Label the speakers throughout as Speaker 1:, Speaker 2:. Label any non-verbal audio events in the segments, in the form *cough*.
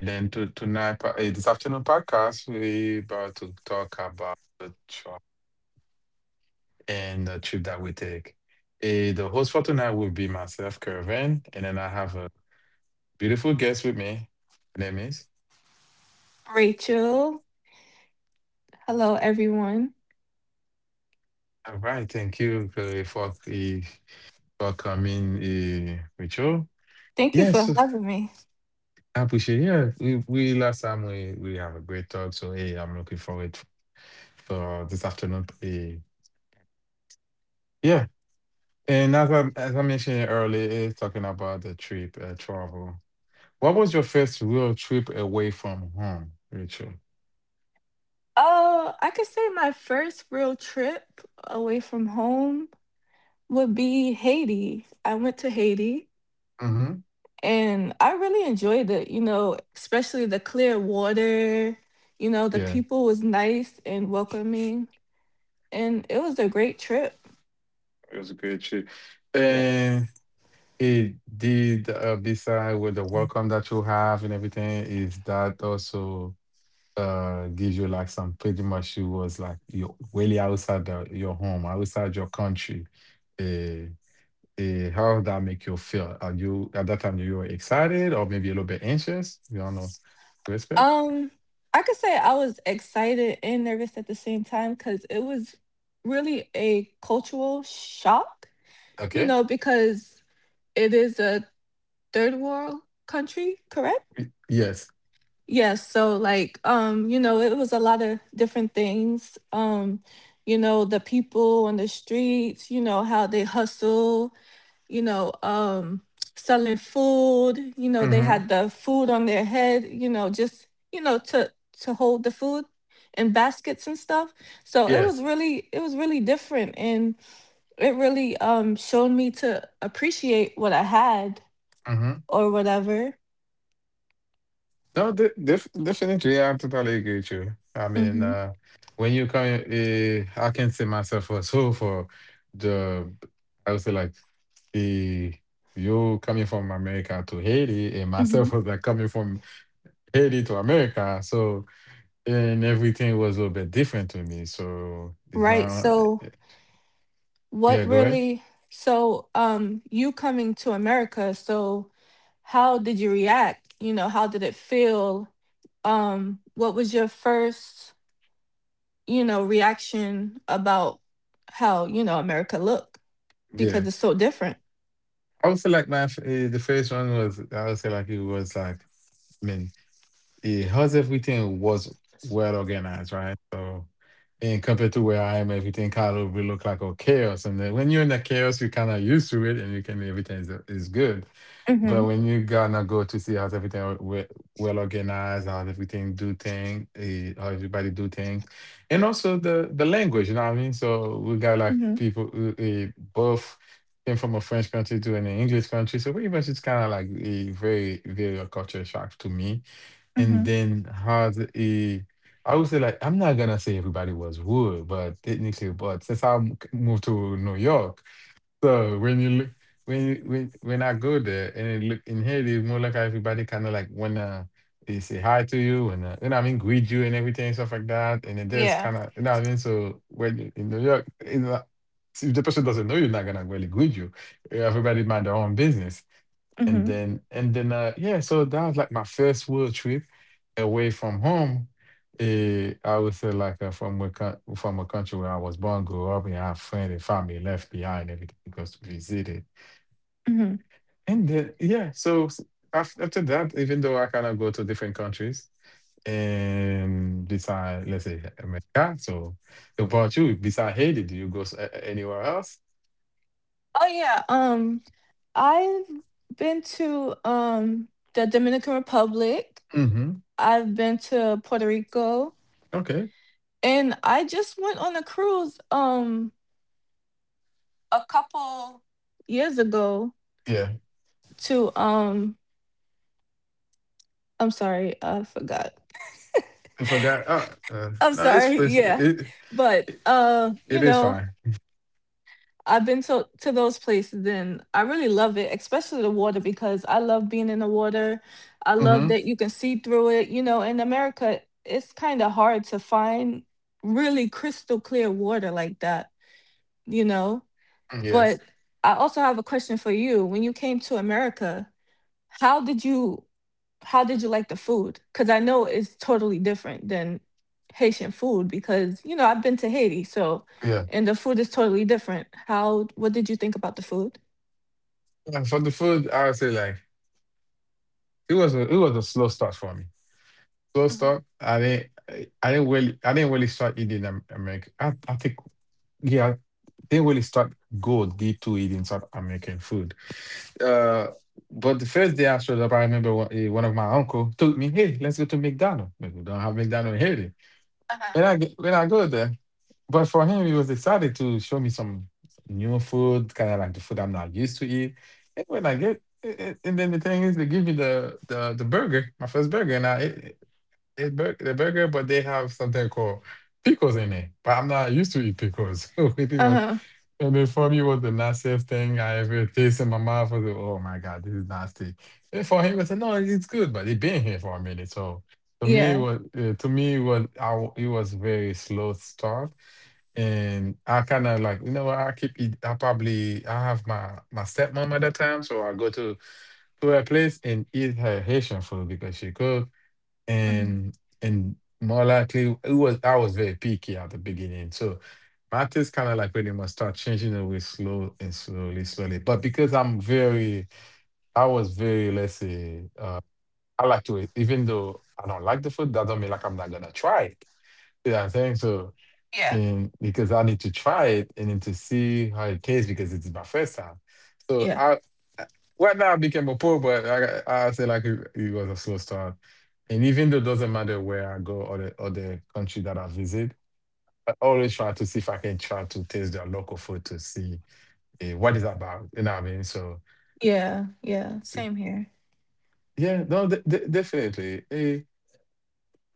Speaker 1: And then to tonight, this afternoon podcast, we about to talk about the trip and the trip that we take. Eh, the host for tonight will be myself, Kervin, and then I have a beautiful guest with me. Her name is.
Speaker 2: Rachel. Hello, everyone.
Speaker 1: All right, thank you for for coming with you.
Speaker 2: Thank you for
Speaker 1: Yes.
Speaker 2: having me.
Speaker 1: I appreciate. Yeah, we last time we have a great talk. So hey, I'm looking forward for this afternoon. Yeah, and as I mentioned earlier, it's talking about the trip travel. What was your first real trip away from home, Rachel?
Speaker 2: Oh, I could say my first real trip away from home would be Haiti. I went to Haiti
Speaker 1: Mm-hmm.
Speaker 2: and I really enjoyed it, you know, especially the clear water. You know, the
Speaker 1: Yeah,
Speaker 2: people was nice and welcoming, and it was a great trip.
Speaker 1: it was a great trip, and
Speaker 2: Yes.
Speaker 1: it did. Beside with the welcome that you have and everything, is that also gives you like some pretty much you was like you're really outside the, your home, outside your country. Uh, how does that make you feel? Are you at that time you were excited or maybe a little bit anxious? You don't know. Respect.
Speaker 2: Um, I could say I was excited and nervous at the same time because it was really a cultural shock, you
Speaker 1: Okay.
Speaker 2: know, because it is a third world country, correct?
Speaker 1: Yes.
Speaker 2: Yes, so like you know, it was a lot of different things. You know, the people on the streets, you know, how they hustle, you know, selling food, you know, they
Speaker 1: Mm-hmm.
Speaker 2: had the food on their head, you know, just, you know, to hold the food in baskets and stuff. So
Speaker 1: Yes.
Speaker 2: it was really different, and it really showed me to appreciate what I had
Speaker 1: Mm-hmm.
Speaker 2: or whatever.
Speaker 1: No, definitely, yeah, I totally agree with you. I mean,
Speaker 2: Hmm.
Speaker 1: when you come, I can say myself also for the, I would say like the you coming from America to Haiti, and myself *laughs*
Speaker 2: Hmm.
Speaker 1: was like coming from Haiti to America. So and everything was a little bit different to me. So it's
Speaker 2: Right.
Speaker 1: not,
Speaker 2: So
Speaker 1: yeah.
Speaker 2: what
Speaker 1: Go ahead.
Speaker 2: really? So you coming to America? So how did you react? You know, how did it feel? What was your first, you know, reaction about how, you know, America looked,
Speaker 1: Yeah,
Speaker 2: because it's so different.
Speaker 1: I would say like my the first one was I would say like it was like. I mean yeah, hers everything was well organized, right? So, and compared to where I am, everything kind of will look like a chaos. And then when you're in the chaos, you kind of used to it, and you can everything is good. But
Speaker 2: Mm-hmm.
Speaker 1: when you gonna go to see how everything are well organized, how everything do thing, how everybody do things, and also the language, you know what I mean. So we got like
Speaker 2: Mm-hmm.
Speaker 1: people who both came from a French country to an English country, so pretty much it's kind of like a very a culture shock to me and
Speaker 2: Mm-hmm.
Speaker 1: then has a I would say like I'm not gonna say everybody was wood, but technically, but since I moved to New York, so when you look when when I go there and it look in Haiti, it's more like everybody kind of like wanna they say hi to you and you know what I mean greet you and everything and stuff like that, and it just
Speaker 2: Yeah.
Speaker 1: kind of you know what I mean. So when you in New York, you know, if the person doesn't know you, not gonna really greet you. Everybody mind their own business. And
Speaker 2: Mm-hmm.
Speaker 1: then and then uh yeah, so that was like my first world trip away from home. I would say like from a from a country where I was born, grew up, and I have friends and family left behind everything because to visit it. And then yeah, after that, even though I kind of go to different countries and beside let's say America, so about you, beside Haiti, do you go anywhere else?
Speaker 2: Oh yeah, I've been to the Dominican Republic.
Speaker 1: Mm-hmm.
Speaker 2: I've been to Puerto Rico,
Speaker 1: Okay.
Speaker 2: and I just went on a cruise a couple years ago
Speaker 1: Yeah,
Speaker 2: to I'm sorry, I forgot.
Speaker 1: I forgot.
Speaker 2: I'm
Speaker 1: No,
Speaker 2: sorry, *laughs*
Speaker 1: it's
Speaker 2: yeah.
Speaker 1: it.
Speaker 2: But
Speaker 1: It
Speaker 2: you
Speaker 1: is
Speaker 2: know,
Speaker 1: fine.
Speaker 2: I've been to those places and I really love it, especially the water because I love being in the water. I
Speaker 1: Hmm.
Speaker 2: love that you can see through it. You know, in America, it's kind of hard to find really crystal clear water like that, you know?
Speaker 1: Yes.
Speaker 2: But I also have a question for you. When you came to America, how did you how did you like the food? Because I know it's totally different than Haitian food because, you know, I've been to Haiti, so,
Speaker 1: Yeah.
Speaker 2: and the food is totally different. How, what did you think about the food?
Speaker 1: Yeah, for the food, I would say like it was a slow start for me. Slow
Speaker 2: Hmm.
Speaker 1: start. I didn't really I didn't really start eating American. I think yeah, I didn't really start go deep to eating South American food. Uh, but the first day I showed up, I remember one of my uncle told me, "Hey, let's go to McDonald's. But we don't have McDonald's in Haiti." When
Speaker 2: Uh-huh.
Speaker 1: I get, when I go there, but for him, he was excited to show me some new food, kind of like the food I'm not used to eat. And when I get, and then the thing is, they give me the burger, my first burger, and I ate, the burger, but they have something called pickles in it. But I'm not used to eat pickles. *laughs* So pretty much.
Speaker 2: Uh-huh.
Speaker 1: And then for me was the nastiest thing I ever tasted in my mouth. I was like, oh my God, this is nasty. And for him, I said, no, it's good, but it been here for a minute. So to me, it
Speaker 2: Yeah.
Speaker 1: was to me it was it was very slow start. And I kind of like, you know what, I keep eat, I probably, I have my stepmom at that time. So I go to her place and eat her Haitian food because she cook
Speaker 2: Hmm.
Speaker 1: and and more likely it was I was very picky at the beginning. So matters kind of like really must start changing away slow and slowly, slowly. But because I was very let's say I like to even though I don't like the food, that don't mean like I'm not gonna try it. You know what I'm saying? So
Speaker 2: Yeah.
Speaker 1: because I need to try it and then to see how it tastes because it's my first time. So
Speaker 2: Yeah.
Speaker 1: I, I- right now I became a pro, but I say like it was a slow start. And even though it doesn't matter where I go or the country that I visit, I always try to see if I can try to taste their local food to see what it's about. You know what I mean? So
Speaker 2: Yeah. Yeah.
Speaker 1: see,
Speaker 2: Same here.
Speaker 1: yeah, no, definitely.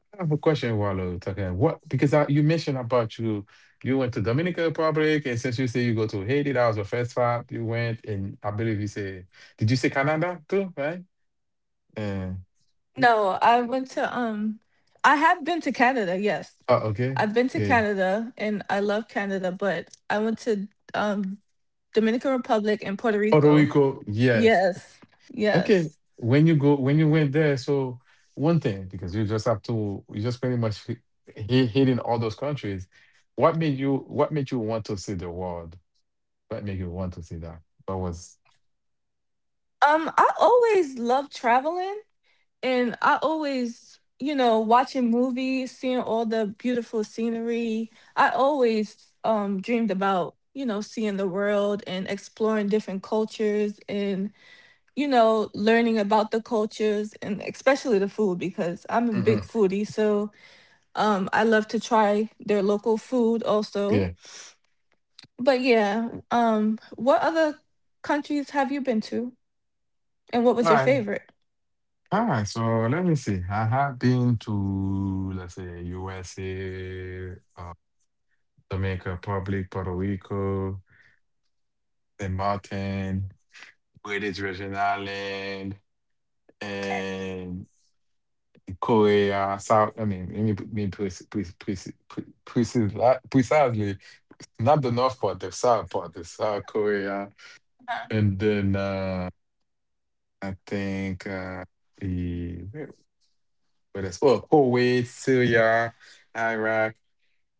Speaker 1: I have a question, Wallo. Taka. What because you mentioned about you went to Dominican Republic and since you say you go to Haiti, that was your first stop. You went and I believe you say, did you say Canada too, right? Uh,
Speaker 2: No, I went to, I have been to Canada, yes.
Speaker 1: oh, okay.
Speaker 2: I've been to
Speaker 1: Yeah.
Speaker 2: Canada and I love Canada, but I went to um Dominican Republic and Puerto
Speaker 1: Puerto
Speaker 2: Rico.
Speaker 1: Rico, yes.
Speaker 2: Yes.
Speaker 1: Okay.
Speaker 2: Yes.
Speaker 1: When you go when you went there, so one thing, because you just have to you just pretty much hitting all those countries. What made you want to see the world? What made you want to see that? What was
Speaker 2: I always love traveling and I always, you know, watching movies, seeing all the beautiful scenery. I always dreamed about, you know, seeing the world and exploring different cultures and, you know, learning about the cultures and especially the food because I'm a big
Speaker 1: Mhm.
Speaker 2: foodie, so I love to try their local food also. But yeah, what other countries have you been to and what was your
Speaker 1: Yeah.
Speaker 2: favorite?
Speaker 1: Ah, so let me see. I have been to, let's say, USA, Dominican Republic, Puerto Rico, St. Martin, British Virgin Island,
Speaker 2: Okay.
Speaker 1: and Korea, South. I mean, let me put- me preci- preci- preci- pre- precis- precisely not the north part, the South Korea, and then I think the where, where is, oh, Kuwait, Syria. Iraq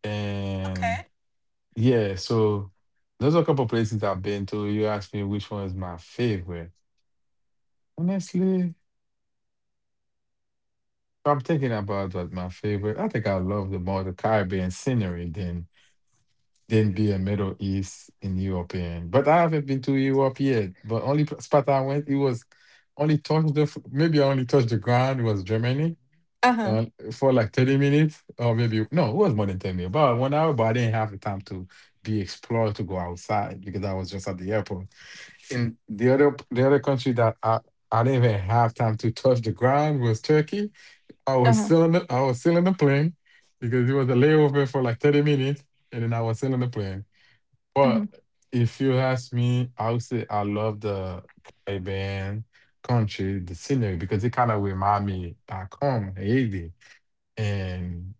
Speaker 1: and
Speaker 2: Okay.
Speaker 1: yeah, so those are a couple places I've been to. You asked me which one is my favorite. Honestly, if I'm thinking about what my favorite. I think I love the more the Caribbean scenery than be a Middle East and European. But I haven't been to Europe yet. But only spot I went, it was only touched the maybe I only touched the ground was Germany.
Speaker 2: Uh-huh.
Speaker 1: On for like 30 minutes or maybe no it was more than 10 minutes about 1 hour, but I didn't have the time to be explored to go outside because I was just at the airport in the other the other country that I didn't even have time to touch the ground was Turkey.
Speaker 2: Uh-huh.
Speaker 1: I was still in the plane because it was a layover for like 30 minutes and then I was still in the plane.
Speaker 2: Hmm.
Speaker 1: But if you ask me I would say I love the Caribbean country the scenery because it kind of remind me back home Haiti, and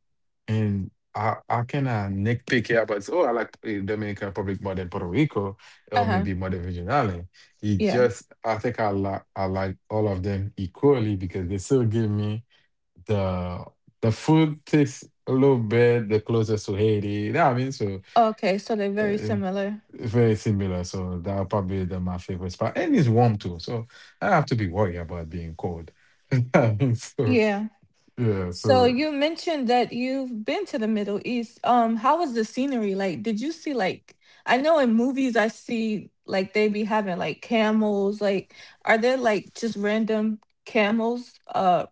Speaker 1: and I cannot nitpick here, but oh, I like Dominican Republic more than Puerto Rico, or
Speaker 2: Uh-huh.
Speaker 1: maybe more than Virgin Island. It
Speaker 2: Yeah.
Speaker 1: just I think I like all of them equally because they still give me the the food tastes a little bit the closest to Haiti. You know what I mean? So
Speaker 2: Okay, so they're very
Speaker 1: uh,
Speaker 2: similar.
Speaker 1: very similar. So that probably my favorite spot, and it's warm too. So I don't have to be worried about being cold. *laughs* So
Speaker 2: Yeah.
Speaker 1: yeah,
Speaker 2: So
Speaker 1: so.
Speaker 2: you mentioned that you've been to the Middle East. How was the scenery like? Did you see like, I know in movies I see like they be having like camels, like are there like just random camels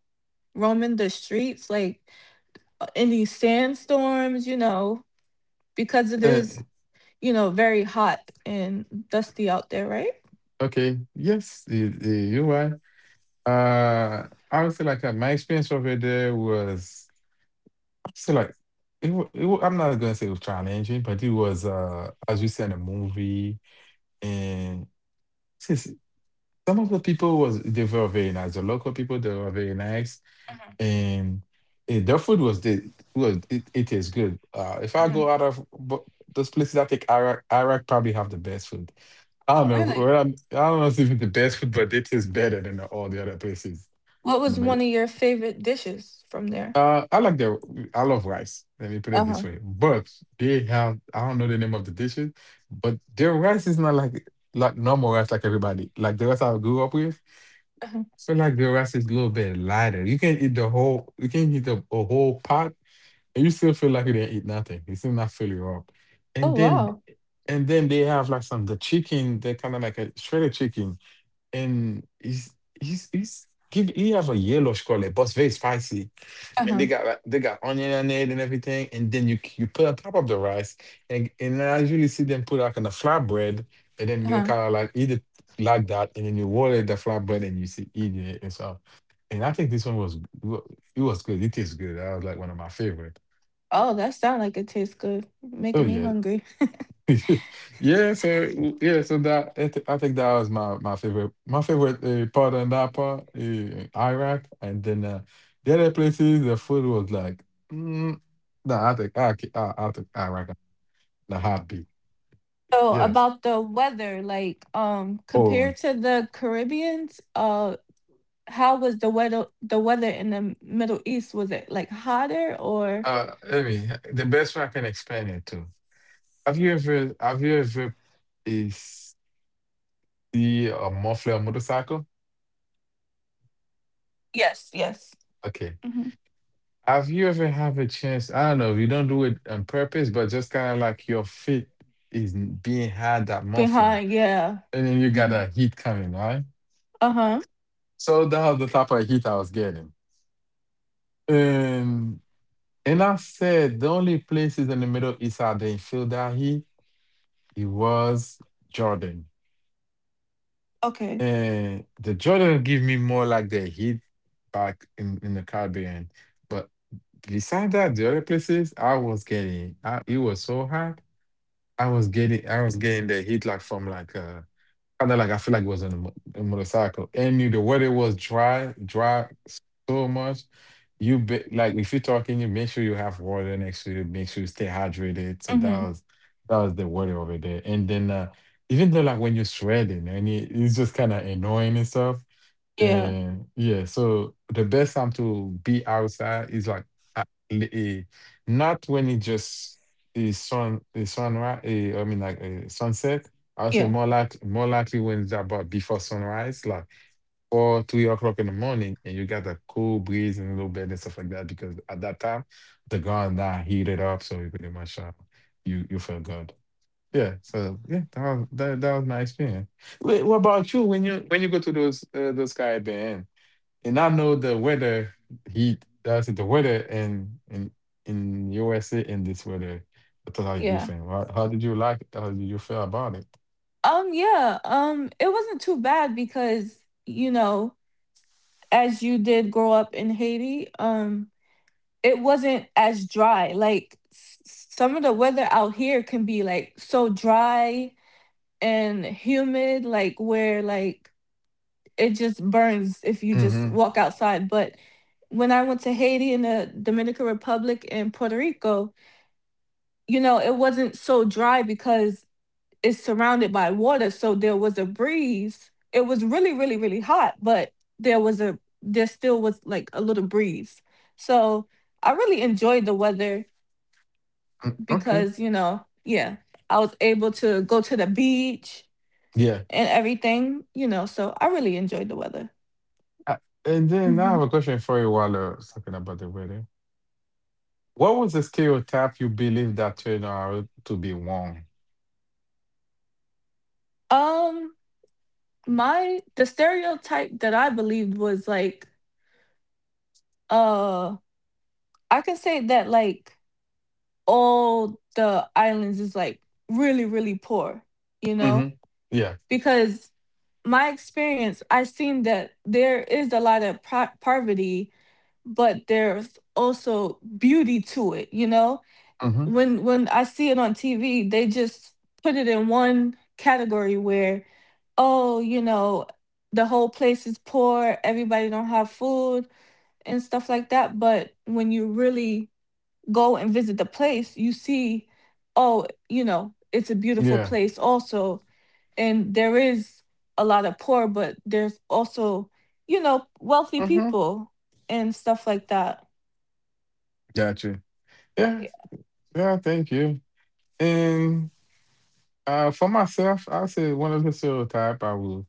Speaker 2: roaming the streets like in these sandstorms, you know, because it is,
Speaker 1: eh,
Speaker 2: you know, very hot and dusty out there, right?
Speaker 1: Okay. Yes, you're right. I would say like my experience over there was I would say like I'm not gonna say it was challenging, but it was as you see in the movie, and since some of the people was they were very nice. The local people they were very nice
Speaker 2: Hmm.
Speaker 1: and their food was it is good. If I go
Speaker 2: Hmm.
Speaker 1: out of those places, I think Iraq probably have the best food. I don't
Speaker 2: Oh,
Speaker 1: know.
Speaker 2: really?
Speaker 1: Well, I don't know if it's even the best food, but it is better than all the other places
Speaker 2: What
Speaker 1: in the
Speaker 2: was
Speaker 1: middle.
Speaker 2: one of your favorite dishes from there?
Speaker 1: I like the I love rice. Let me put it this
Speaker 2: Uh-huh,
Speaker 1: way. But they have I don't know the name of the dishes, but their rice is not like like normal rice like everybody like the rice I grew up with.
Speaker 2: uh-huh.
Speaker 1: I feel like the rice is a little bit lighter. You can eat the whole. You can eat a whole pot and you still feel like you didn't eat nothing. It still not fill you up. And
Speaker 2: Oh,
Speaker 1: then
Speaker 2: wow.
Speaker 1: and then they have like some the chicken, they're kind of like a shredded chicken. And he's give he have a yellowish color, but it's very spicy. And they
Speaker 2: Uh-huh,
Speaker 1: got like, they got onion on it and everything. And then you put on top of the rice. And I usually see them put like on the flatbread and then you
Speaker 2: uh-huh.
Speaker 1: kind of like eat it like that. And then you roll it the flatbread and you see eating it and stuff. And I think this one was it was good. It tastes good. That was like one of my favorite.
Speaker 2: Oh, that sounds like it tastes good,
Speaker 1: Oh
Speaker 2: making me
Speaker 1: yeah,
Speaker 2: hungry.
Speaker 1: *laughs* yeah. So yeah, so I think that was my my favorite part on that part, Iraq, and then the other places the food was like, mm, nah, I think I ca- I think Iraq the heartbeat.
Speaker 2: So,
Speaker 1: Yes.
Speaker 2: about the weather, like,
Speaker 1: Oh,
Speaker 2: compared to the Caribbeans, how was the weather in the Middle East? Was it, like, hotter or
Speaker 1: let me the best way I can explain it to. Have you ever is see a muffler motorcycle?
Speaker 2: Yes, yes.
Speaker 1: Okay.
Speaker 2: Mhm.
Speaker 1: Have you ever have a chance? I don't know, you don't do it on purpose, but just kind of like your feet is being had that muffler,
Speaker 2: Behind, yeah.
Speaker 1: and then you got
Speaker 2: Mhm.
Speaker 1: a heat coming, right?
Speaker 2: Uh-huh.
Speaker 1: So that was the type of heat I was getting. And and I said the only places in the Middle East I didn't feel that heat, it was Jordan.
Speaker 2: Okay.
Speaker 1: And the Jordan give me more like the heat back in the Caribbean. But beside that, the other places I was getting, I, it was so hot. I was getting the heat like from like kind of like I feel like it was on a motorcycle and the weather was dry dry so much you be, like if you're talking you make sure you have water next to you make sure you stay hydrated so
Speaker 2: Mhm.
Speaker 1: that was the weather over there and then even though like when you're sweating and it's just kind of annoying and stuff
Speaker 2: Yeah,
Speaker 1: and yeah, so the best time to be outside is like uh, li- eh, not when it just is sun is sunrise. I mean, like sunset. I'll say
Speaker 2: yeah,
Speaker 1: more like more likely when it's about before sunrise, like four three o'clock in the morning, and you got the cool breeze and a little bit and stuff like that. Because at that time, the ground that heated up, so you pretty much you feel good. Yeah. So yeah, that was my experience. Wait, what about you when you go to those Caribbean? And I know the weather heat I that's the weather in USA in this weather are totally
Speaker 2: yeah.
Speaker 1: different. How did you like it? How did you feel about it?
Speaker 2: Yeah, it wasn't too bad because, you know, as you did grow up in Haiti, it wasn't as dry. Like some of the weather out here can be like so dry and humid, like where like it just burns if you just
Speaker 1: Hmm.
Speaker 2: walk outside. But when I went to Haiti and the Dominican Republic and Puerto Rico, you know, it wasn't so dry because is surrounded by water, so there was a breeze. It was really really hot, but there was a there still was like a little breeze, so I really enjoyed the weather
Speaker 1: Okay.
Speaker 2: because, you know, yeah, I was able to go to the beach
Speaker 1: Yeah.
Speaker 2: and everything, you know, so I really enjoyed the weather.
Speaker 1: Uh, And then I
Speaker 2: Hmm.
Speaker 1: have a question for you while talking about the weather. What was the stereotype you believe that turned out to be wrong?
Speaker 2: Um, my the stereotype that I believed was like uh I can say that like all the islands is like really really poor, you know,
Speaker 1: Hmm. Yeah.
Speaker 2: because my experience, I've seen that there is a lot of poverty, but there's also beauty to it, you know.
Speaker 1: Hmm.
Speaker 2: When I see it on TV, they just put it in one category where, oh, you know, the whole place is poor, everybody don't have food and stuff like that. But when you really go and visit the place, you see, oh, you know, it's a beautiful
Speaker 1: Yeah.
Speaker 2: place also. And there is a lot of poor, but there's also, you know, wealthy
Speaker 1: Hmm.
Speaker 2: people and stuff like that.
Speaker 1: Gotcha. Yeah.
Speaker 2: Yeah.
Speaker 1: Yeah. Thank you. And for myself, I say one of the stereotype I will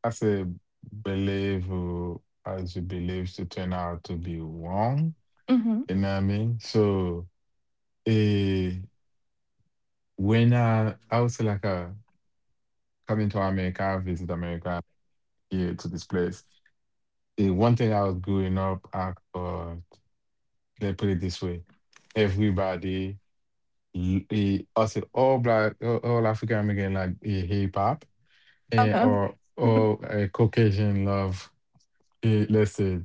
Speaker 1: as a believer, as you believe to turn out to be wrong.
Speaker 2: Mm-hmm.
Speaker 1: You know what I mean? So eh, when I was like coming to America, I visit America here to this place. The one thing I was growing up at, let's put it this way, everybody, also all black, all African American like hip hop and
Speaker 2: Uh-huh.
Speaker 1: or Caucasian love, let's say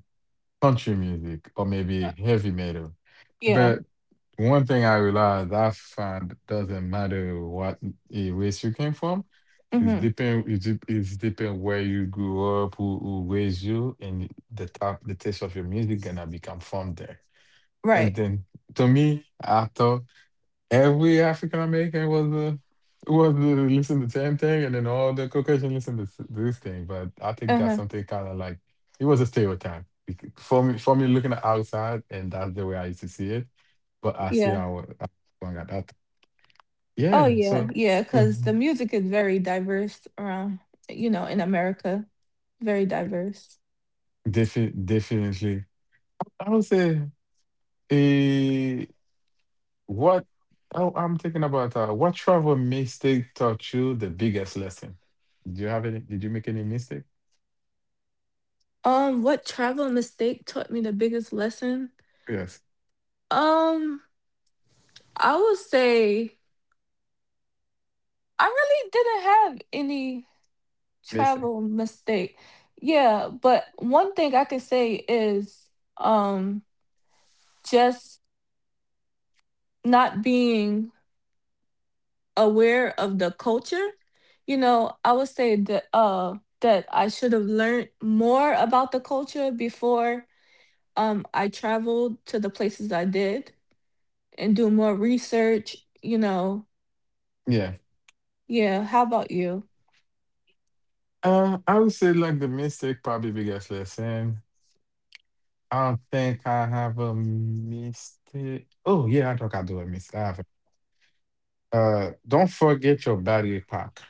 Speaker 1: country music or maybe heavy metal.
Speaker 2: Yeah.
Speaker 1: But one thing I realized I found doesn't matter what race you came from. It's
Speaker 2: Mm-hmm.
Speaker 1: depend. It's depend where you grew up, who raised you, and the taste of your music gonna become from there.
Speaker 2: Right.
Speaker 1: And then to me, I thought. Every African American was the was listen to the same thing, and then all the Caucasian listen to this thing. But I think that's
Speaker 2: Uh-huh.
Speaker 1: something kind of like it was a stereotype for me. For me, looking at outside, and that's the way I used to see it. But I see
Speaker 2: Yeah.
Speaker 1: how I got that.
Speaker 2: Oh
Speaker 1: Yeah,
Speaker 2: yeah.
Speaker 1: so
Speaker 2: Yeah. 'Cause the
Speaker 1: mhm,
Speaker 2: music is very diverse around, you know, in America. Very diverse.
Speaker 1: definitely, I would say eh, what oh, I'm thinking about. What travel mistake taught you the biggest lesson? Do you have any? Did you make any mistake?
Speaker 2: What travel mistake taught me the biggest lesson?
Speaker 1: Yes,
Speaker 2: Um, I would say I really didn't have any
Speaker 1: mistake.
Speaker 2: travel mistake. Yeah, but one thing I can say is um just not being aware of the culture. You know, I would say that that I should have learned more about the culture before I traveled to the places I did, and do more research, you know.
Speaker 1: Yeah.
Speaker 2: Yeah, how about you?
Speaker 1: I would say like the mistake probably biggest lesson. I don't think I have a mistake. Oh yeah, I think I do a mistake. I have a- don't forget your battery pack.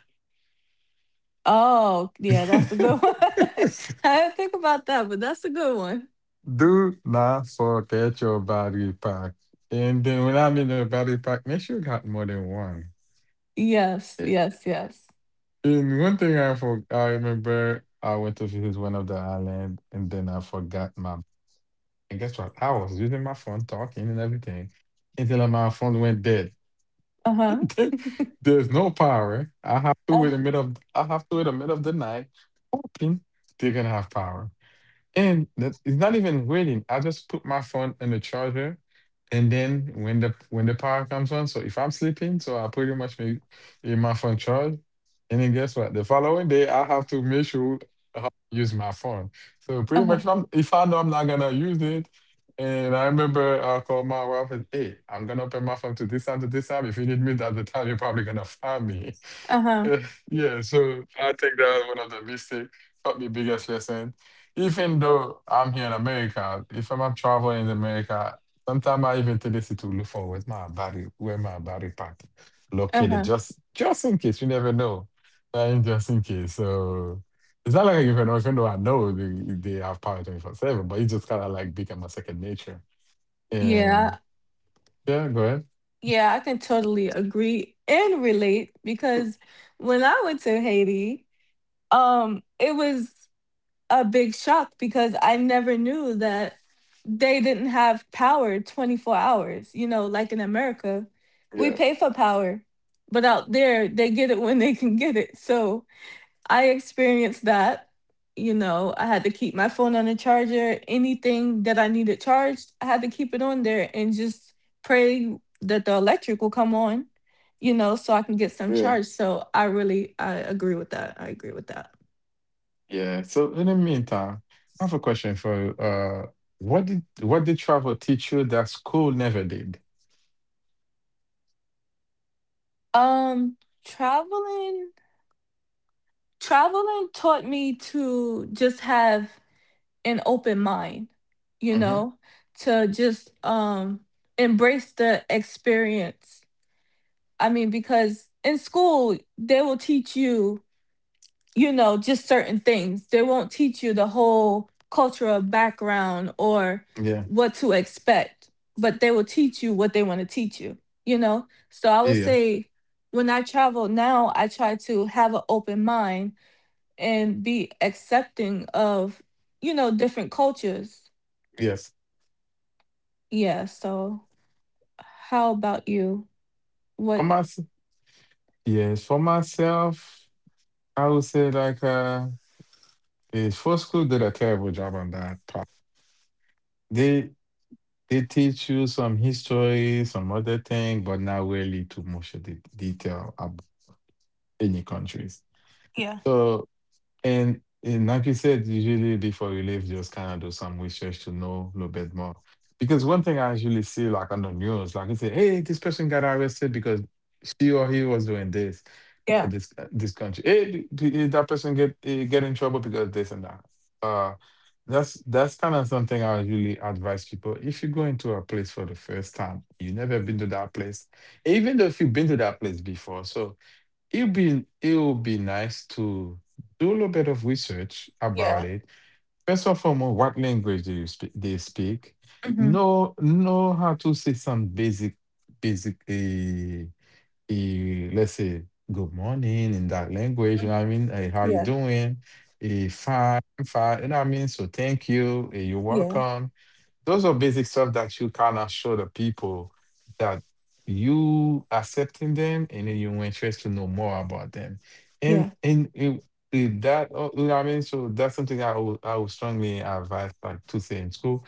Speaker 2: Oh, yeah, that's a good
Speaker 1: *laughs*
Speaker 2: one. *laughs* I didn't think about that, but that's a good one.
Speaker 1: Do not forget your battery pack. And then when I'm in the battery pack, make sure you got more than one.
Speaker 2: Yes,
Speaker 1: A-
Speaker 2: yes, yes.
Speaker 1: And one thing I remember I went to visit one of the island and then I forgot my and guess what? I was using my phone, talking and everything, until my phone went dead.
Speaker 2: Uh-huh.
Speaker 1: *laughs* There's no power.
Speaker 2: Uh,
Speaker 1: I have to in the middle of the night, hoping they're gonna have power. And the, it's not even waiting. I just put my phone in the charger, and then when the power comes on, so if I'm sleeping, so I pretty much make in my phone charge, and then guess what? The following day, I have to make sure how to use my phone. So pretty much,
Speaker 2: uh-huh.
Speaker 1: if I know I'm not gonna use it, and I remember I called my wife and hey, I'm gonna open my phone to this time to this time. If you need me at the time, you're probably gonna find me. *laughs*
Speaker 2: Uh-huh.
Speaker 1: Yeah, yeah, so I think that was one of the mistake, probably biggest lesson. Even though I'm here in America, if I'm traveling in America, sometimes I even tendency to look for where's my body, where my body part located,
Speaker 2: Uh-huh.
Speaker 1: just in case. You never know. Right? Just in case. So it's not like even though I know they have power 24 7, but it just kind of like become a second nature. And
Speaker 2: Yeah.
Speaker 1: yeah, go ahead.
Speaker 2: Yeah, I can totally agree and relate because when I went to Haiti, it was a big shock because I never knew that they didn't have power 24 hours, you know, like in America. We pay
Speaker 1: Yes.
Speaker 2: for power, but out there they get it when they can get it. So I experienced that. You know, I had to keep my phone on the charger. Anything that I needed charged, I had to keep it on there and just pray that the electric will come on, you know, so I can get some
Speaker 1: Yeah.
Speaker 2: charge. So I agree with that. I agree with that.
Speaker 1: Yeah. So in the meantime, I have a question for you. What did travel teach you that school never did?
Speaker 2: Um, traveling traveling taught me to just have an open mind, you
Speaker 1: Mm-hmm.
Speaker 2: know, to just embrace the experience. I mean, because in school, they will teach you, you know, just certain things. They won't teach you the whole cultural background or
Speaker 1: Yeah.
Speaker 2: what to expect, but they will teach you what they want to teach you, you know? So I
Speaker 1: Yeah.
Speaker 2: would
Speaker 1: Yeah.
Speaker 2: say when I travel now, I try to have an open mind and be accepting of, you know, different cultures.
Speaker 1: Yes.
Speaker 2: Yeah. So how about you?
Speaker 1: For
Speaker 2: What?
Speaker 1: myself, yes. For myself, I would say like is first school did a terrible job on that part. They they teach you some history, some other thing, but not really too much of the detail about any countries.
Speaker 2: Yeah.
Speaker 1: So. And like you said, usually before you leave, just kind of do some research to know a little bit more. Because one thing I usually see like on the news, like you say, hey, this person got arrested because she or he was doing this for
Speaker 2: Yeah.
Speaker 1: this this country. Hey, that person get get in trouble because this and that. Uh, that's kind of something I usually advise people. If you go into a place for the first time, you never been to that place, even though if you've been to that place before, so. It would be nice to do a little bit of research about
Speaker 2: Yeah.
Speaker 1: it. First and foremost, what language do you speak? They speak.
Speaker 2: Hmm.
Speaker 1: Know how to say some basic basic let's say good morning in that language. You know what I mean? Eh, how you
Speaker 2: Yeah.
Speaker 1: doing? A fine, fine. You know what I mean? So thank you. You're
Speaker 2: Yeah.
Speaker 1: welcome, those are basic stuff that you kind of show the people that you accepting them and then you're interested to know more about them and
Speaker 2: Yeah.
Speaker 1: and it, it- that you know what I mean, so that's something I would strongly advise like to say in school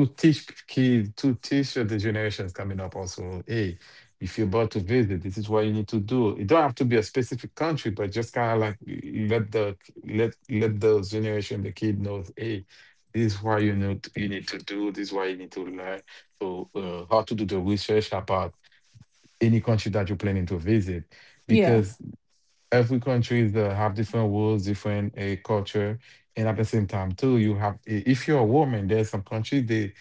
Speaker 1: to teach kids, to teach the generations coming up also, hey, if you're about to visit, this is what you need to do. It don't have to be a specific country, but just kind of like let the let the generation, the kid knows, hey, this is what you need to do. This is what you need to learn. So how to do the research about any country that you're planning to visit,
Speaker 2: Yeah.
Speaker 1: because every countries that have different rules, different culture, and at the same time too, you have if you're a woman, there's some countries they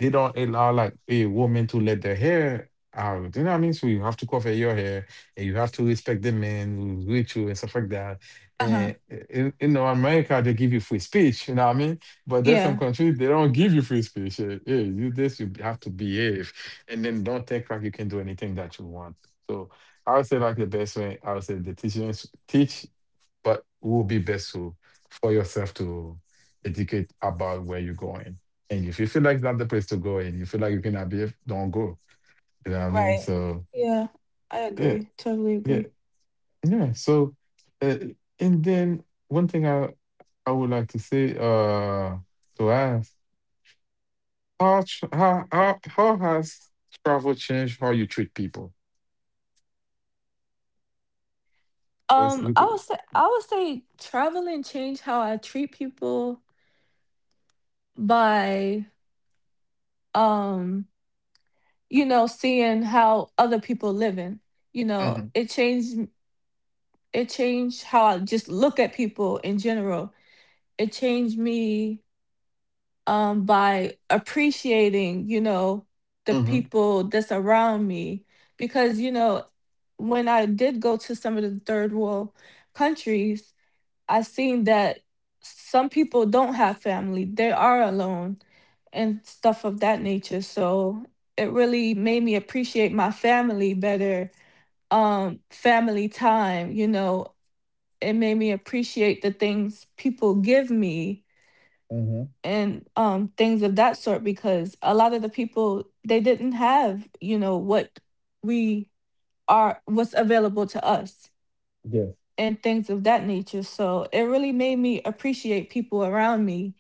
Speaker 1: they don't allow like a woman to let their hair out. You know what I mean? So you have to cover your hair, and you have to respect the men who's with you and stuff like that.
Speaker 2: Uh-huh.
Speaker 1: And in, you know, America they give you free speech. You know what I mean? But there's some
Speaker 2: Yeah.
Speaker 1: countries they don't give you free speech. Hey, you this you have to behave, and then don't think like you can do anything that you want. So, I would say like the best way, I would say the teachers teach, but will be best to for yourself to educate about where you're going. And if you feel like it's not the place to go and you feel like you cannot behave, don't go. You know what I mean?
Speaker 2: Right.
Speaker 1: So
Speaker 2: Yeah. I
Speaker 1: yeah,
Speaker 2: agree. Totally
Speaker 1: yeah,
Speaker 2: agree.
Speaker 1: yeah. So uh, and then one thing I would like to say to ask how has travel changed how you treat people? Was- was
Speaker 2: I would
Speaker 1: it-
Speaker 2: say traveling changed how I treat people by um, you know, seeing how other people living. You know,
Speaker 1: Mhm,
Speaker 2: it changed how I just look at people in general. It changed me by appreciating, you know, the
Speaker 1: mhm,
Speaker 2: people that's around me. Because, you know, when I did go to some of the third world countries, I seen that some people don't have family, they are alone and stuff of that nature. So it really made me appreciate my family better, family time, you know, it made me appreciate the things people give me
Speaker 1: mhm.
Speaker 2: and things of that sort, because a lot of the people they didn't have, you know, what we are what's available to us,
Speaker 1: Yes.
Speaker 2: and things of that nature. So it really made me appreciate people around me.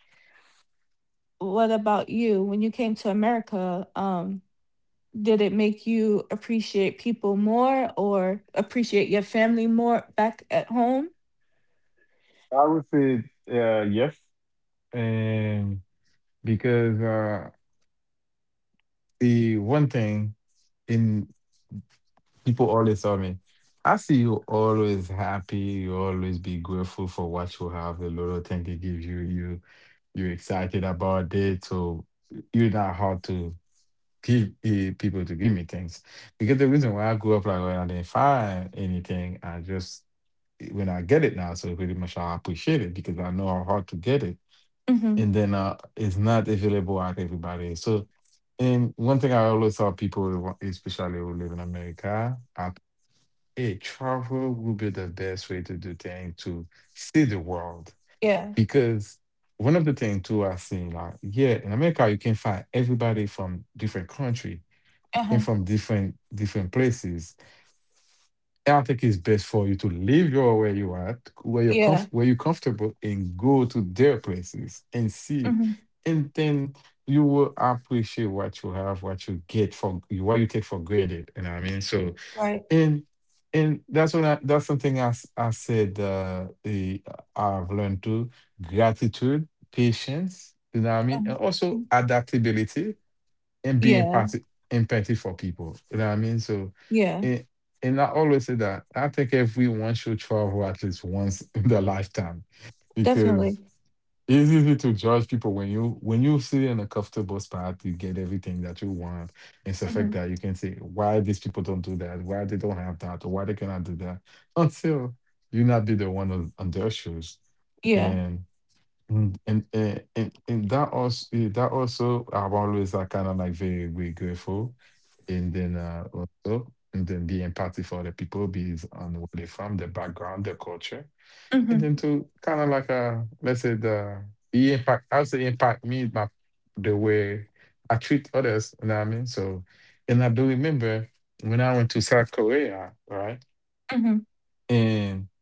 Speaker 2: What about you, when you came to America, um, did it make you appreciate people more or appreciate your family more back at home?
Speaker 1: I would say yes, and because the one thing in people always tell me, I see you always happy. You always be grateful for what you have. The little thing they give you, you're excited about it. So you're not hard to give people to give me things because the reason why I grew up like when I didn't find anything, I just when I get it now, so pretty much I appreciate it because I know how hard to get it.
Speaker 2: Mm-hmm.
Speaker 1: And then it's not available at everybody. So, and one thing I always tell people, especially who live in America, at a travel will be the best way to do things to see the world
Speaker 2: Yeah.
Speaker 1: because one of the things too I seen like yeah in America you can find everybody from different country and
Speaker 2: Uh-huh.
Speaker 1: from different places. I think it's best for you to leave your where you are,
Speaker 2: Yeah.
Speaker 1: where you're comfortable, and go to their places and see,
Speaker 2: Mm-hmm.
Speaker 1: and then you will appreciate what you have, what you get for what you take for granted. You know what I mean? So
Speaker 2: Right.
Speaker 1: and and that's that's something I said I've learned too: gratitude, patience. You know what I mean? And
Speaker 2: Mhm.
Speaker 1: also adaptability and be
Speaker 2: Yeah.
Speaker 1: empathy, empathy for people. You know what I mean? So,
Speaker 2: Yeah,
Speaker 1: and, and I always say that I think everyone should travel at least once *laughs* in their lifetime
Speaker 2: definitely.
Speaker 1: because it's easy to judge people when you sit in a comfortable spot, you get everything that you want. It's a fact
Speaker 2: Mhm.
Speaker 1: that you can say why these people don't do that, why they don't have that, or why they cannot do that until you not be the one on their shoes.
Speaker 2: Yeah.
Speaker 1: And. Mm, and that also I'm always like kind of like very grateful, and then also and then be empathy for the people, be on where they from, their background, their culture, and
Speaker 2: Mhm.
Speaker 1: then to kind of like let's say the impact also impact me by the way I treat others. You know what I mean? So, and I do remember when I went to South Korea, right,
Speaker 2: Mhm.
Speaker 1: and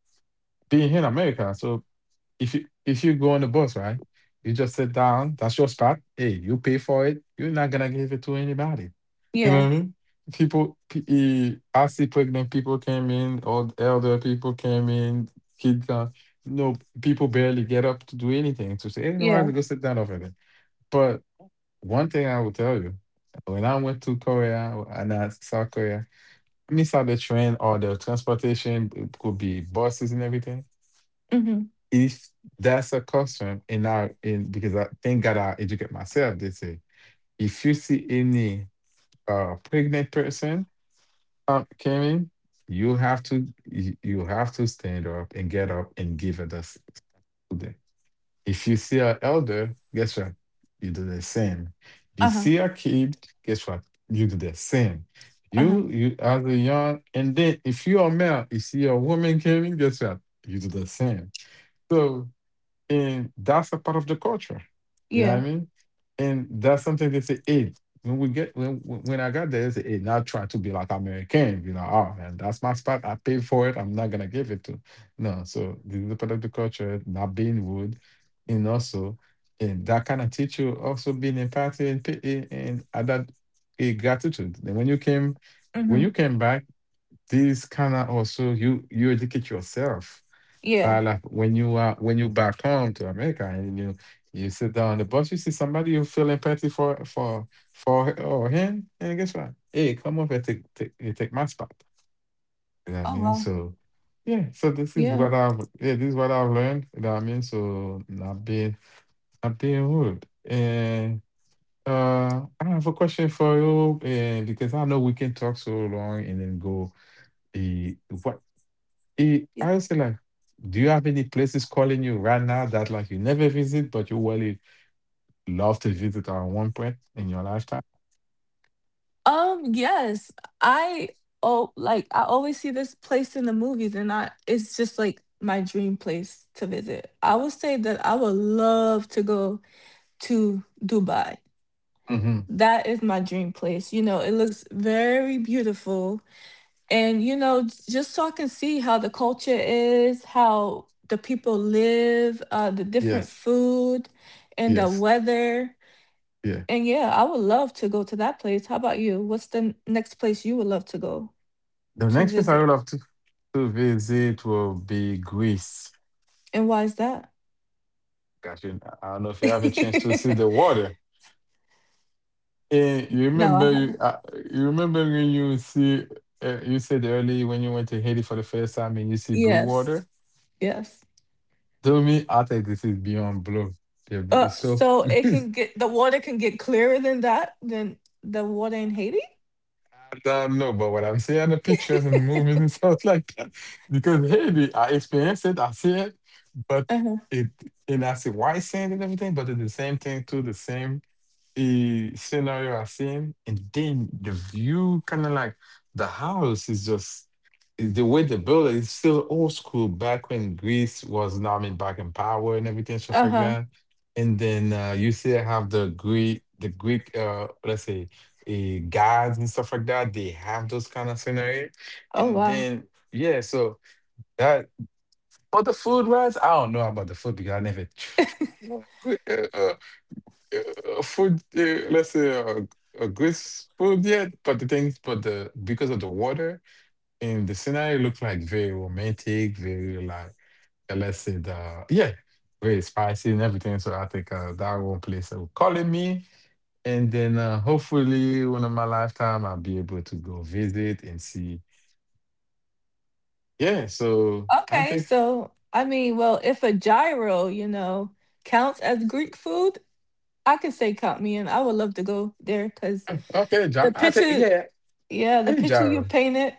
Speaker 1: being here in America. So if you go on the bus, right? You just sit down. That's your spot. Hey, you pay for it. You're not gonna give it to anybody. You know
Speaker 2: Yeah.
Speaker 1: what I mean? I see pregnant people came in, old elder people came in, kids. Come. No, people barely get up to do anything. To say, hey, you know, I
Speaker 2: Yeah.
Speaker 1: have to go sit down over there. But one thing I will tell you, when I went to Korea and I South Korea, I mean, saw the train or the transportation. It could be buses and everything
Speaker 2: Mhm.
Speaker 1: if that's a custom in our in because I thank God I educate myself, they say if you see any pregnant person came in, you have to you have to stand up and get up and give her the food. If you see an elder, guess what? You do the same. You
Speaker 2: Uh-huh.
Speaker 1: see a kid, guess what? You do the same.
Speaker 2: Uh-huh.
Speaker 1: You as a young and then if you are male, you see a woman came in, guess what? You do the same. So. And that's a part of the culture. You know what
Speaker 2: Yeah.
Speaker 1: I mean? And that's something they say, hey, when we get when I got there, they say, hey, not try to be like American, be like, oh man, that's my spot. I paid for it. I'm not gonna give it to. No, so this is a part of the culture, not being rude, and also and that kind of teach you also being empathy and add that a gratitude. And when
Speaker 2: Mhm.
Speaker 1: you came back, this kind of also you educate yourself
Speaker 2: Yeah.
Speaker 1: but like when you back home to America and you sit down on the bus, you see somebody you feeling petty for for her or him, and guess what? Hey, come over and you take my spot. You know what I
Speaker 2: Oh
Speaker 1: mean?
Speaker 2: wow.
Speaker 1: So
Speaker 2: Yeah.
Speaker 1: yeah, this is what I've learned. You know what I mean? So not being rude. And I have a question for you, and because I know we can talk so long and then go the what
Speaker 2: Yeah.
Speaker 1: I would say like, do you have any places calling you right now that like you never visit, but you really love to visit at one point in your lifetime?
Speaker 2: Um, yes. I, oh, like I always see this place in the movies, and I, it's just like my dream place to visit. I would say that I would love to go to Dubai.
Speaker 1: Hmm
Speaker 2: That is my dream place. You know, it looks very beautiful. And you know, just so I can see how the culture is, how the people live, uh, the different
Speaker 1: Yes,
Speaker 2: food and the
Speaker 1: yes,
Speaker 2: weather.
Speaker 1: yeah.
Speaker 2: And yeah, I would love to go to that place. How about you? What's the next place you would love to go
Speaker 1: The
Speaker 2: to
Speaker 1: next place I
Speaker 2: visit?
Speaker 1: would love to visit will be Greece.
Speaker 2: And why is that?
Speaker 1: Gosh, I don't know if you have a chance to
Speaker 2: *laughs*
Speaker 1: see the water. Eh, you
Speaker 2: No, I
Speaker 1: remember you,
Speaker 2: haven't.
Speaker 1: uh, you remember when you see you said earlier when you went to Haiti for the first time and you see blue
Speaker 2: Yes.
Speaker 1: water?
Speaker 2: Yes.
Speaker 1: To me, I think this is beyond blue. They're b-
Speaker 2: Uh,
Speaker 1: so
Speaker 2: so
Speaker 1: *laughs* I
Speaker 2: it can get, the water can get clearer than that, than the water in Haiti?
Speaker 1: don't know, but what I'm seeing the pictures and movies and *laughs* stuff like that, because Haiti, I experienced it, I see it, but
Speaker 2: Uh-huh.
Speaker 1: it and I see white sand and everything, but it's the same thing too, the same. The scenario I've seen, and then the view, kind of like the house, is just is the way they built it is still old school. Back when Greece was, not I mean, back in power and everything stuff like
Speaker 2: Uh-huh.
Speaker 1: that. And then you still have the Greek, let's say, gods and stuff like that. They have those kind of scenario,
Speaker 2: Oh
Speaker 1: and
Speaker 2: wow.
Speaker 1: then yeah, so that. But the food, wise, I don't know about the food because I never tried food, let's say a good food yet, but the things, but the because of the water and the scenery look like very romantic, very like let's say the yeah, very spicy and everything. So I think that one place that will calling me, and then hopefully one of my lifetime I'll be able to go visit and see. Yeah, so I
Speaker 2: Okay,
Speaker 1: think
Speaker 2: so I mean, well, if a gyro, you know, counts as Greek food, I could say count me in. I would love to go there because
Speaker 1: okay, John.
Speaker 2: the
Speaker 1: I think
Speaker 2: picture,
Speaker 1: yeah. Yeah.
Speaker 2: yeah,
Speaker 1: Hey, John.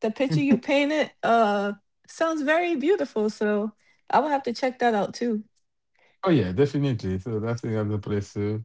Speaker 2: the picture you painted, sounds very beautiful. So I would have to check that out too.
Speaker 1: Oh yeah, definitely. So that's another place too,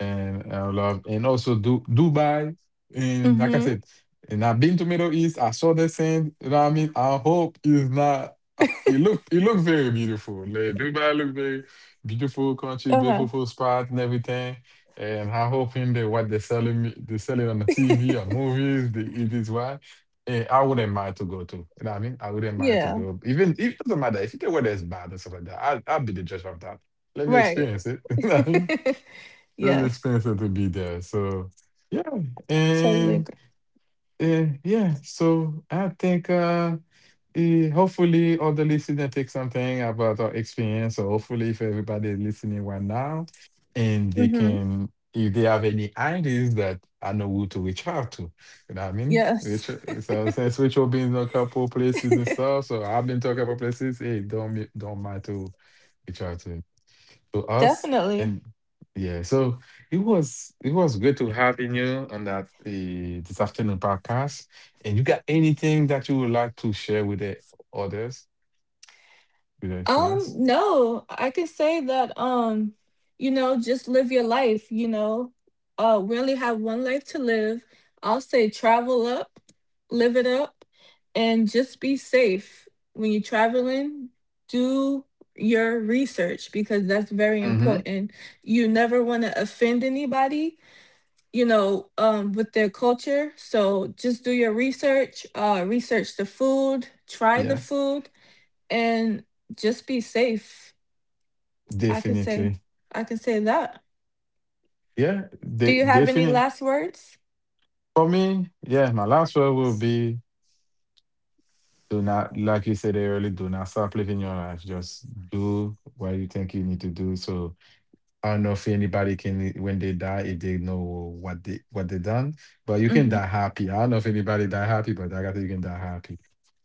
Speaker 1: and I love, and also Dubai. And like I
Speaker 2: Mm-hmm.
Speaker 1: said, and I've been to Middle East. I saw the sand. You know what I mean? I hope it's not. It look very beautiful. Like Dubai look very beautiful country,
Speaker 2: Uh-huh.
Speaker 1: beautiful spot and everything. And I hope in the what they're selling me, they sell it on the TV or movies. They, it is why. I wouldn't mind to go to. You know what I mean? I wouldn't mind to
Speaker 2: Yeah.
Speaker 1: go. Even if it doesn't matter if the weather is bad and stuff like that. I'll be the judge of that, let me
Speaker 2: Right.
Speaker 1: experience it. *laughs* Let
Speaker 2: *laughs*
Speaker 1: me
Speaker 2: Yes.
Speaker 1: experience it to be there. So yeah,
Speaker 2: Totally
Speaker 1: and
Speaker 2: agree.
Speaker 1: uh, yeah, so I think hopefully all the listeners take something about our experience. So hopefully, if everybody is listening right now, and they
Speaker 2: Mm-hmm.
Speaker 1: can, if they have any ideas that I know who to reach out to, you know what I mean?
Speaker 2: Yes.
Speaker 1: Which so since which will be in a couple places and stuff, so I've been to a couple places. Hey, don't mind to reach out to
Speaker 2: *laughs*
Speaker 1: us
Speaker 2: Definitely.
Speaker 1: and yeah so it was good to having you on that this afternoon podcast, and you got anything that you would like to share with the others with your experience.
Speaker 2: No, I can say that, you know, just live your life, you know. We only have one life to live. I'll say travel up, live it up, and just be safe. When you're traveling, do your research, because that's very
Speaker 1: Mm-hmm.
Speaker 2: important. You never want to offend anybody, you know, with their culture. So just do your research, research the food, try the
Speaker 1: Yes.
Speaker 2: food, and just be safe. I could say,
Speaker 1: Definitely.
Speaker 2: I could say that.
Speaker 1: Yeah.
Speaker 2: Do you have any
Speaker 1: Definitely
Speaker 2: last words?
Speaker 1: for me. Yeah, my last word will be do not, like you said earlier, do not stop living your life, just do what you think you need to do. So I don't know if anybody can when they die if they know what they done, but you can die
Speaker 2: Hmm.
Speaker 1: happy. I don't know if anybody die happy, but like I got you can die happy.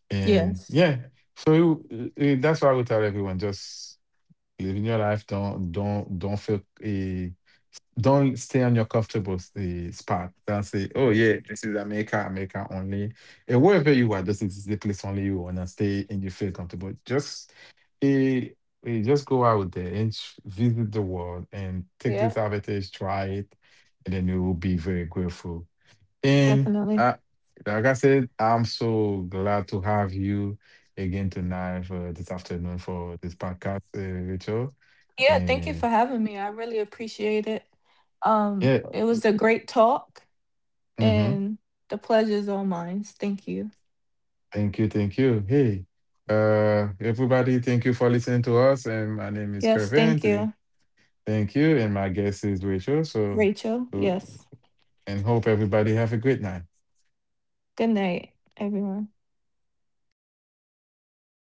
Speaker 1: And
Speaker 2: Yes.
Speaker 1: yeah, so that's why I would tell everyone just living your life. Don't feel don't stay on your comfortable spot. Don't say, oh yeah, this is America, America only. And wherever you are, this is the place only you wanna stay and you feel comfortable. Just eh, just go out there and visit the world and take this
Speaker 2: Yeah,
Speaker 1: advantage, try it, and then you will be very grateful. And
Speaker 2: definitely.
Speaker 1: like I said, I'm so glad to have you again tonight for this afternoon for this podcast, Rachel.
Speaker 2: Yeah, thank you
Speaker 1: And
Speaker 2: for having me. I really appreciate it.
Speaker 1: yeah,
Speaker 2: It was a great talk,
Speaker 1: mhm.
Speaker 2: and the pleasure's all mine. Thank you.
Speaker 1: Thank you, thank you. Hey, everybody, thank you for listening to us. And my name is
Speaker 2: Yes,
Speaker 1: Kervin.
Speaker 2: thank you,
Speaker 1: Thank you, and my guest is Rachel. So,
Speaker 2: Rachel.
Speaker 1: uh,
Speaker 2: Yes.
Speaker 1: and hope everybody have a great night.
Speaker 2: Good night, everyone.